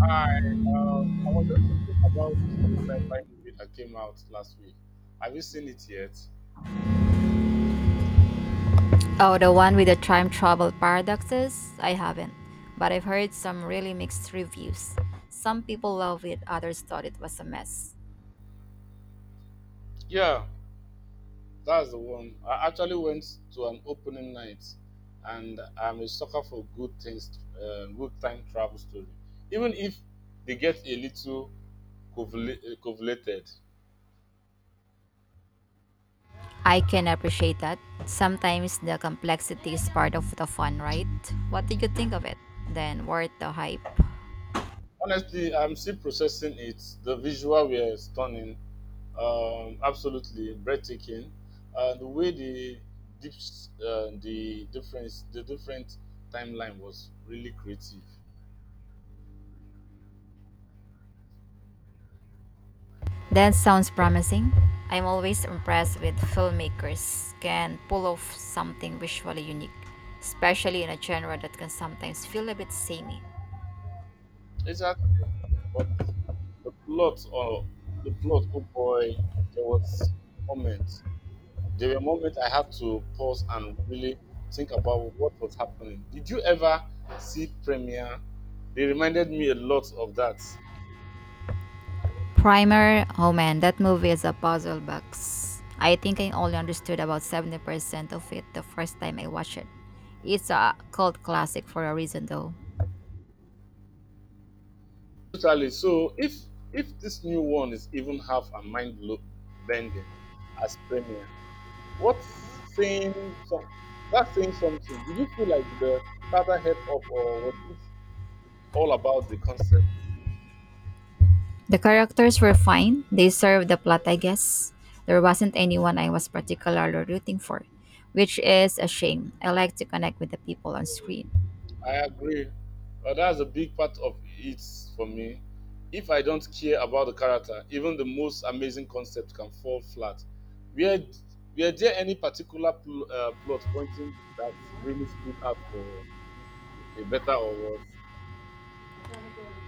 Hi, I was just thinking about this new sci-fi movie that came out last week. Have you seen it yet? Oh, the one with the time travel paradoxes? I haven't, but I've heard some really mixed reviews. Some people love it, others thought it was a mess. Yeah, that's the one. I actually went to an opening night, and I'm a sucker for good things, good time travel story. Even if they get a little convoluted. I can appreciate that. Sometimes the complexity is part of the fun, right? What did you think of it? Then, worth the hype. Honestly, I'm still processing it. The visual were stunning, absolutely breathtaking. The way the deep, the difference, the different timeline was really creative. That sounds promising. I'm always impressed with filmmakers can pull off something visually unique, especially in a genre that can sometimes feel a bit samey. Exactly, but the plot or the plot, oh boy, there was moments. There were moments I had to pause and really think about what was happening. Did you ever see premiere? They reminded me a lot of that. Primer, oh man, that movie is a puzzle box. I think I only understood about 70% of it the first time I watched it. It's a cult classic for a reason though. Totally. So if this new one is even half a mind bending as premier, what's saying some that's saying something. Did you feel like the Carter head up or was it all about the concept? The characters were fine, they served the plot, I guess. There wasn't anyone I was particularly rooting for, which is a shame. I like to connect with the people on screen. I agree. But that's a big part of it for me. If I don't care about the character, even the most amazing concept can fall flat. Were, were there any particular plot pointing that really stood out for a better or worse?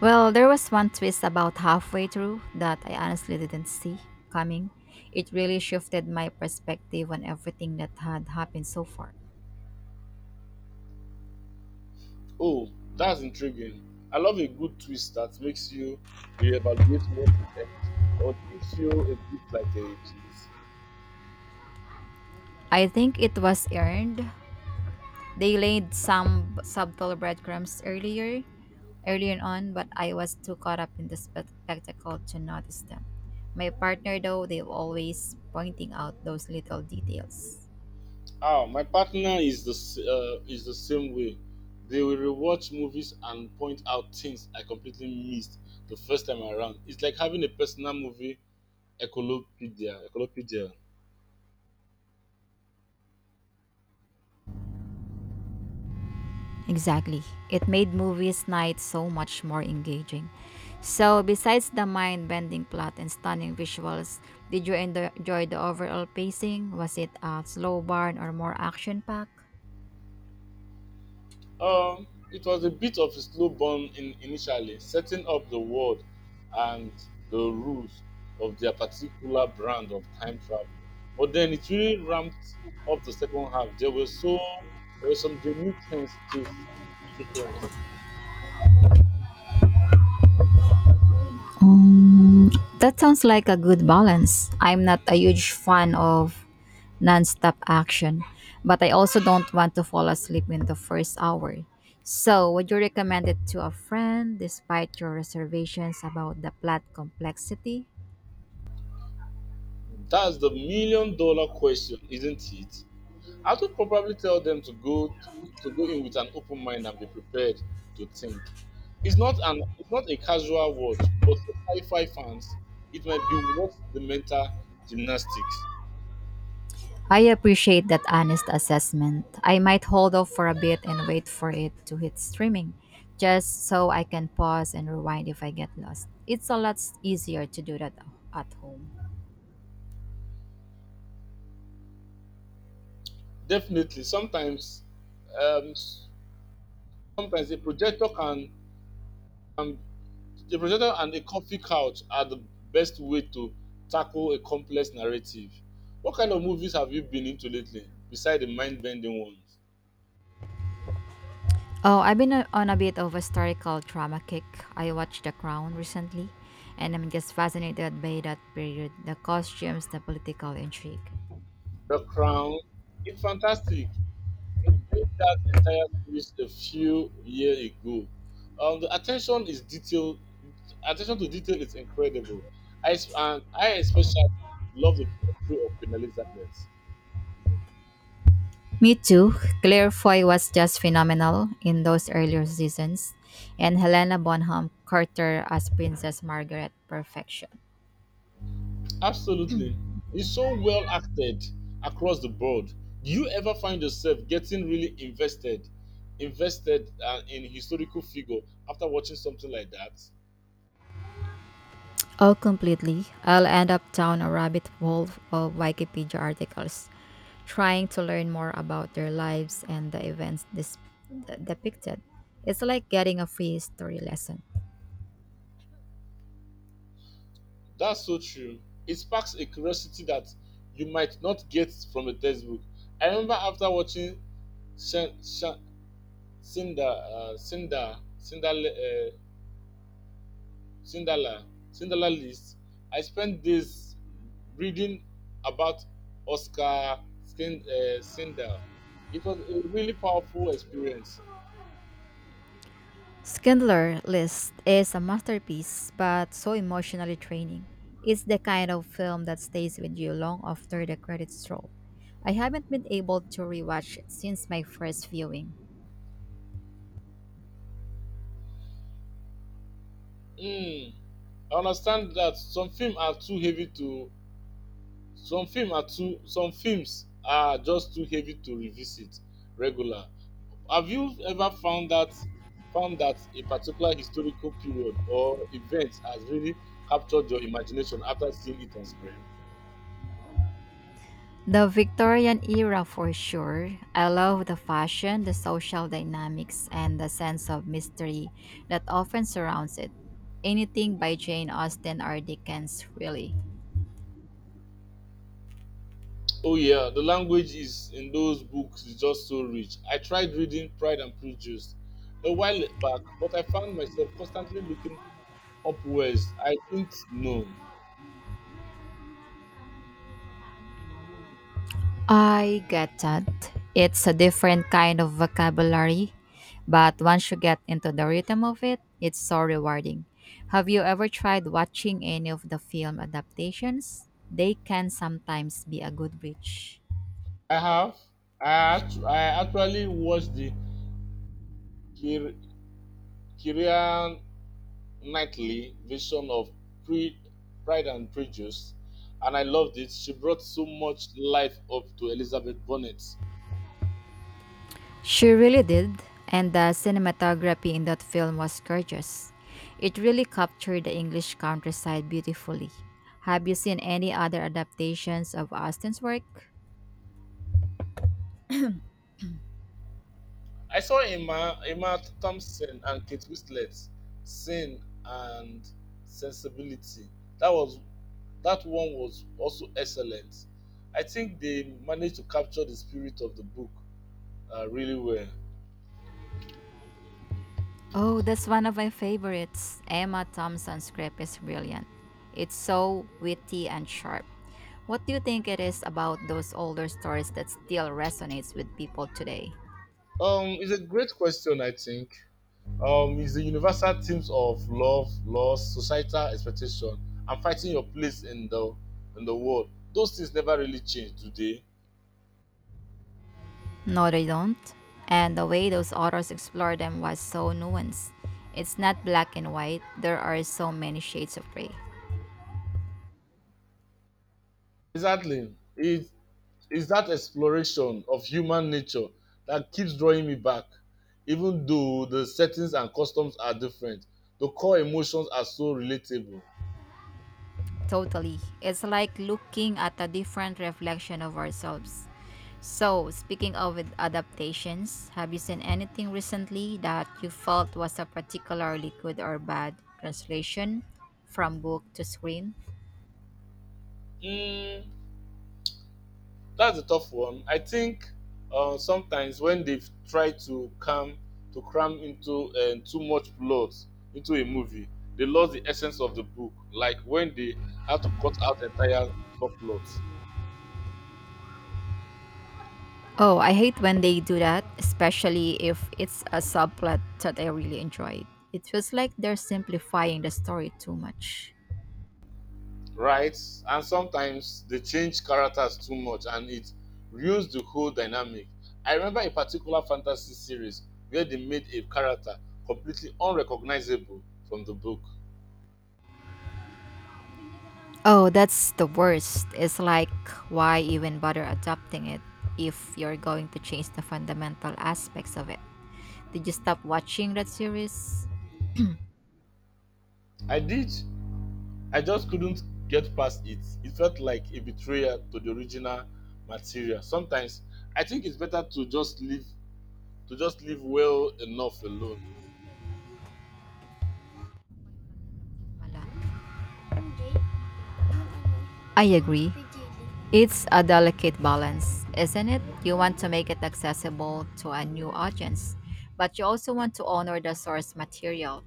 Well, there was one twist about halfway through that I honestly didn't see coming. It really shifted my perspective on everything that had happened so far. Oh, that's intriguing. I love a good twist that makes you reevaluate what it earned, or did it feel a bit like a cheat? I think it was earned. They laid subtle breadcrumbs earlier on, but I was too caught up in the spectacle to notice them. My partner, though, they were always pointing out those little details. Ah, my partner is is the same way. They will rewatch movies and point out things I completely missed the first time around. It's like having a personal movie ecolopedia. Ecolopedia. Exactly. It made movies night so much more engaging. So, besides the mind bending plot and stunning visuals, did you enjoy the overall pacing? Was it a slow burn or more action packed? Um, it was a bit of a slow burn in initially, setting up the world and the rules of their particular brand of time travel. But then it really ramped up the second half. There were some genuine tense chase sequence. Um, that sounds like a good balance. I'm not a huge fan of nonstop action, but I also don't want to fall asleep in the first hour. So, would you recommend it to a friend despite your reservations about the plot complexity? That's the million dollar question, isn't it? I would probably tell them to go in with an open mind and be prepared to think. It's not a casual watch, but for sci-fi fans, it might be worth the mental gymnastics. I appreciate that honest assessment. I might hold off for a bit and wait for it to hit streaming, just so I can pause and rewind if I get lost. It's a lot easier to do that at home. Definitely, sometimes um, sometimes a projector can, can a projector and a comfy couch are the best way to tackle a complex narrative. What kind of movies have you been into lately, beside the mind-bending ones? Oh, I've been on a bit of a historical trauma kick. I watched The Crown recently, and I'm just fascinated by that period the costumes, the political intrigue. The Crown, it's fantastic. We did that entire series a few years ago. The attention is detail, attention to detail is incredible. And I especially love the portrayal of Queen Elizabeth. Me too. Claire Foy was just phenomenal in those earlier seasons, and Helena Bonham Carter as Princess Margaret, perfection. Absolutely, it's so well acted across the board. Do you ever find yourself getting really invested in historical figure after watching something like that? Oh, completely. I'll end up down a rabbit hole of Wikipedia articles, trying to learn more about their lives and the events depicted. It's like getting a free history lesson. That's so true. It sparks a curiosity that you might not get from a textbook. I remember after watching Shin, Shin, Cinder, Cinder, Cinder, Cinderella, Cinderella List, I spent days reading about Cinder. It was a really powerful experience. Schindler List is a masterpiece, but so emotionally draining. It's the kind of film that stays with you long after the credits roll. I haven't been able to rewatch it since my first viewing. Mm, I understand that some films are too heavy to Some film are too some films are just too heavy to revisit regular. Have you ever found that a particular historical period or event has really captured your imagination after seeing it on screen? The Victorian era for sure. I love the fashion, the social dynamics, and the sense of mystery that often surrounds it. Anything by Jane Austen or Dickens, really. Oh yeah, the language is in those books is just so rich. I tried reading Pride and Prejudice a while back, but I found myself constantly looking upwards. I didn't know. I get that. It's a different kind of vocabulary, but once you get into the rhythm of it, it's so rewarding. Have you ever tried watching any of the film adaptations? They can sometimes be a good bridge. I have. I actually watched the Kieran Knightley version of Pre- Pride and Prejudice, and I loved it. She brought so much life up to Elizabeth Bennet. She really did, and the cinematography in that film was gorgeous. It really captured the English countryside beautifully. Have you seen any other adaptations of Austen's work? I saw Emma, Emma Thompson and Kate Winslet, Sin and Sensibility. That was that one was also excellent. I think they managed to capture the spirit of the book really well. Oh, that's one of my favorites. Emma Thompson's script is brilliant. It's so witty and sharp. What do you think it is about those older stories that still resonates with people today? It's a great question, I think. It's the universal themes of love, loss, societal expectation, and fighting your place in the world. Those things never really change, do they? No, they don't. And the way those authors explored them was so nuanced. It's not black and white, there are so many shades of gray. Exactly. It is that exploration of human nature that keeps drawing me back, even though the settings and customs are different. The core emotions are so relatable. Totally. It's like looking at a different reflection of ourselves. So, speaking of adaptations, have you seen anything recently that you felt was a particularly good or bad translation from book to screen? Mm, that's a tough one. I think sometimes when they've tried to cram into too much plot into a movie, they lost the essence of the book. Like when they had to cut out entire subplots, Oh, I hate when they do that, especially if it's a subplot that I really enjoyed. It feels like they're simplifying the story too much. right? And sometimes they change characters too much, and it ruins the whole dynamic. I remember a particular fantasy series where they made a character completely unrecognizable from the book. Oh, that's the worst. It's like, why even bother adapting it if you're going to change the fundamental aspects of it? Did you stop watching that series? I did, I just couldn't get past it. It felt like a betrayal to the original material. Sometimes I think it's better to just leave well enough alone. Wala. I agree. It's a delicate balance, isn't it? You want to make it accessible to a new audience, but you also want to honor the source material.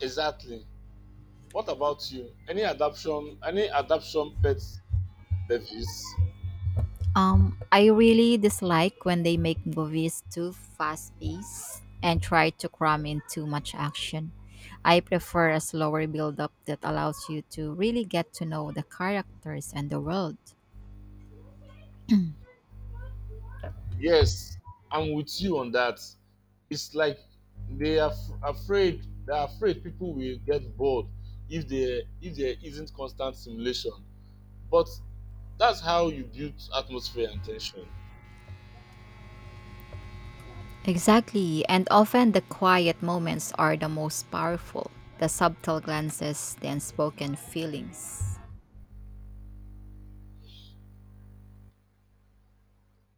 Exactly. What about you? Any adaption pet service? I really dislike when they make movies too fast paced and try to cram in too much action. I prefer a slower build up that allows you to really get to know the characters and the world. Yes, I'm with you on that. It's like they are afraid people will get bored if there isn't constant simulation. But that's how you build atmosphere and tension. Exactly, and often the quiet moments are the most powerful, the subtle glances, the unspoken feelings.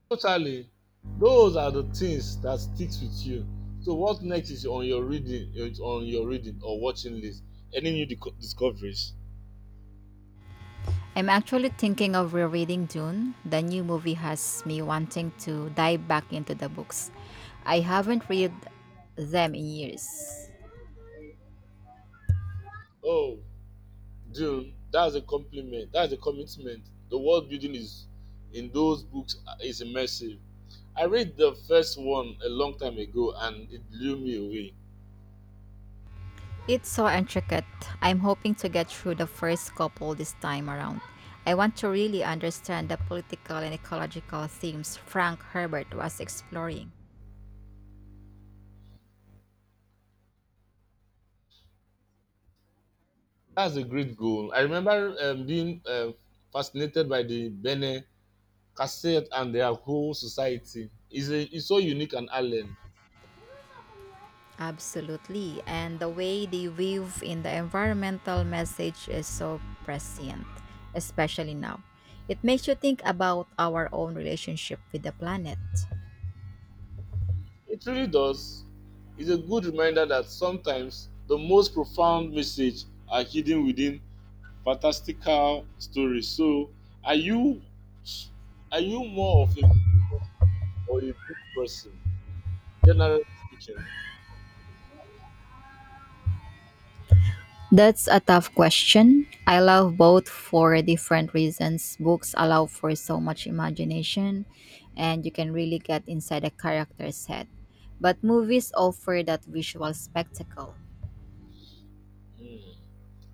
Totally. Those are the things that sticks with you. So what next is on your reading is on your reading or watching list? Any new discoveries? I'm actually thinking of rereading Dune. The new movie has me wanting to dive back into the books. I haven't read them in years. Oh, June, that's a compliment. That's a commitment. The world building is in those books is immersive. I read the first one a long time ago and it blew me away. It's so intricate. I'm hoping to get through the first couple this time around. I want to really understand the political and ecological themes Frank Herbert was exploring. That's a great goal. I remember being fascinated by the Bene Cassette and their whole society. It's, a, it's so unique and alien. Absolutely. And the way they weave in the environmental message is so prescient, especially now. It makes you think about our own relationship with the planet. It really does. It's a good reminder that sometimes the most profound messages are hidden within fantastical stories. So, are you are you more of a movie person or a book person, generally speaking? That's a tough question. I love both for different reasons. Books allow for so much imagination, and you can really get inside a character's head. But movies offer that visual spectacle. Hmm,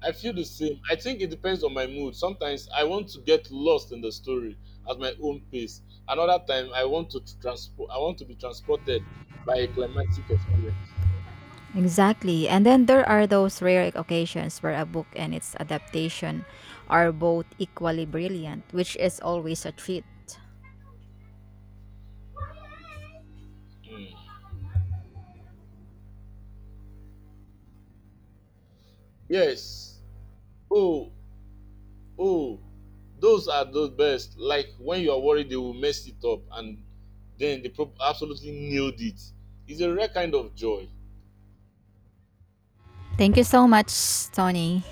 I feel the same. I think it depends on my mood. Sometimes I want to get lost in the story at my own pace. Another time, I want to be transported by a climatic experience. Exactly. And then there are those rare occasions where a book and its adaptation are both equally brilliant, which is always a treat. Hmm. Yes. Oh, Oh, those are the best. Like when you are worried they will mess it up and then they absolutely nailed it. It's a rare kind of joy. Thank you so much, Tony.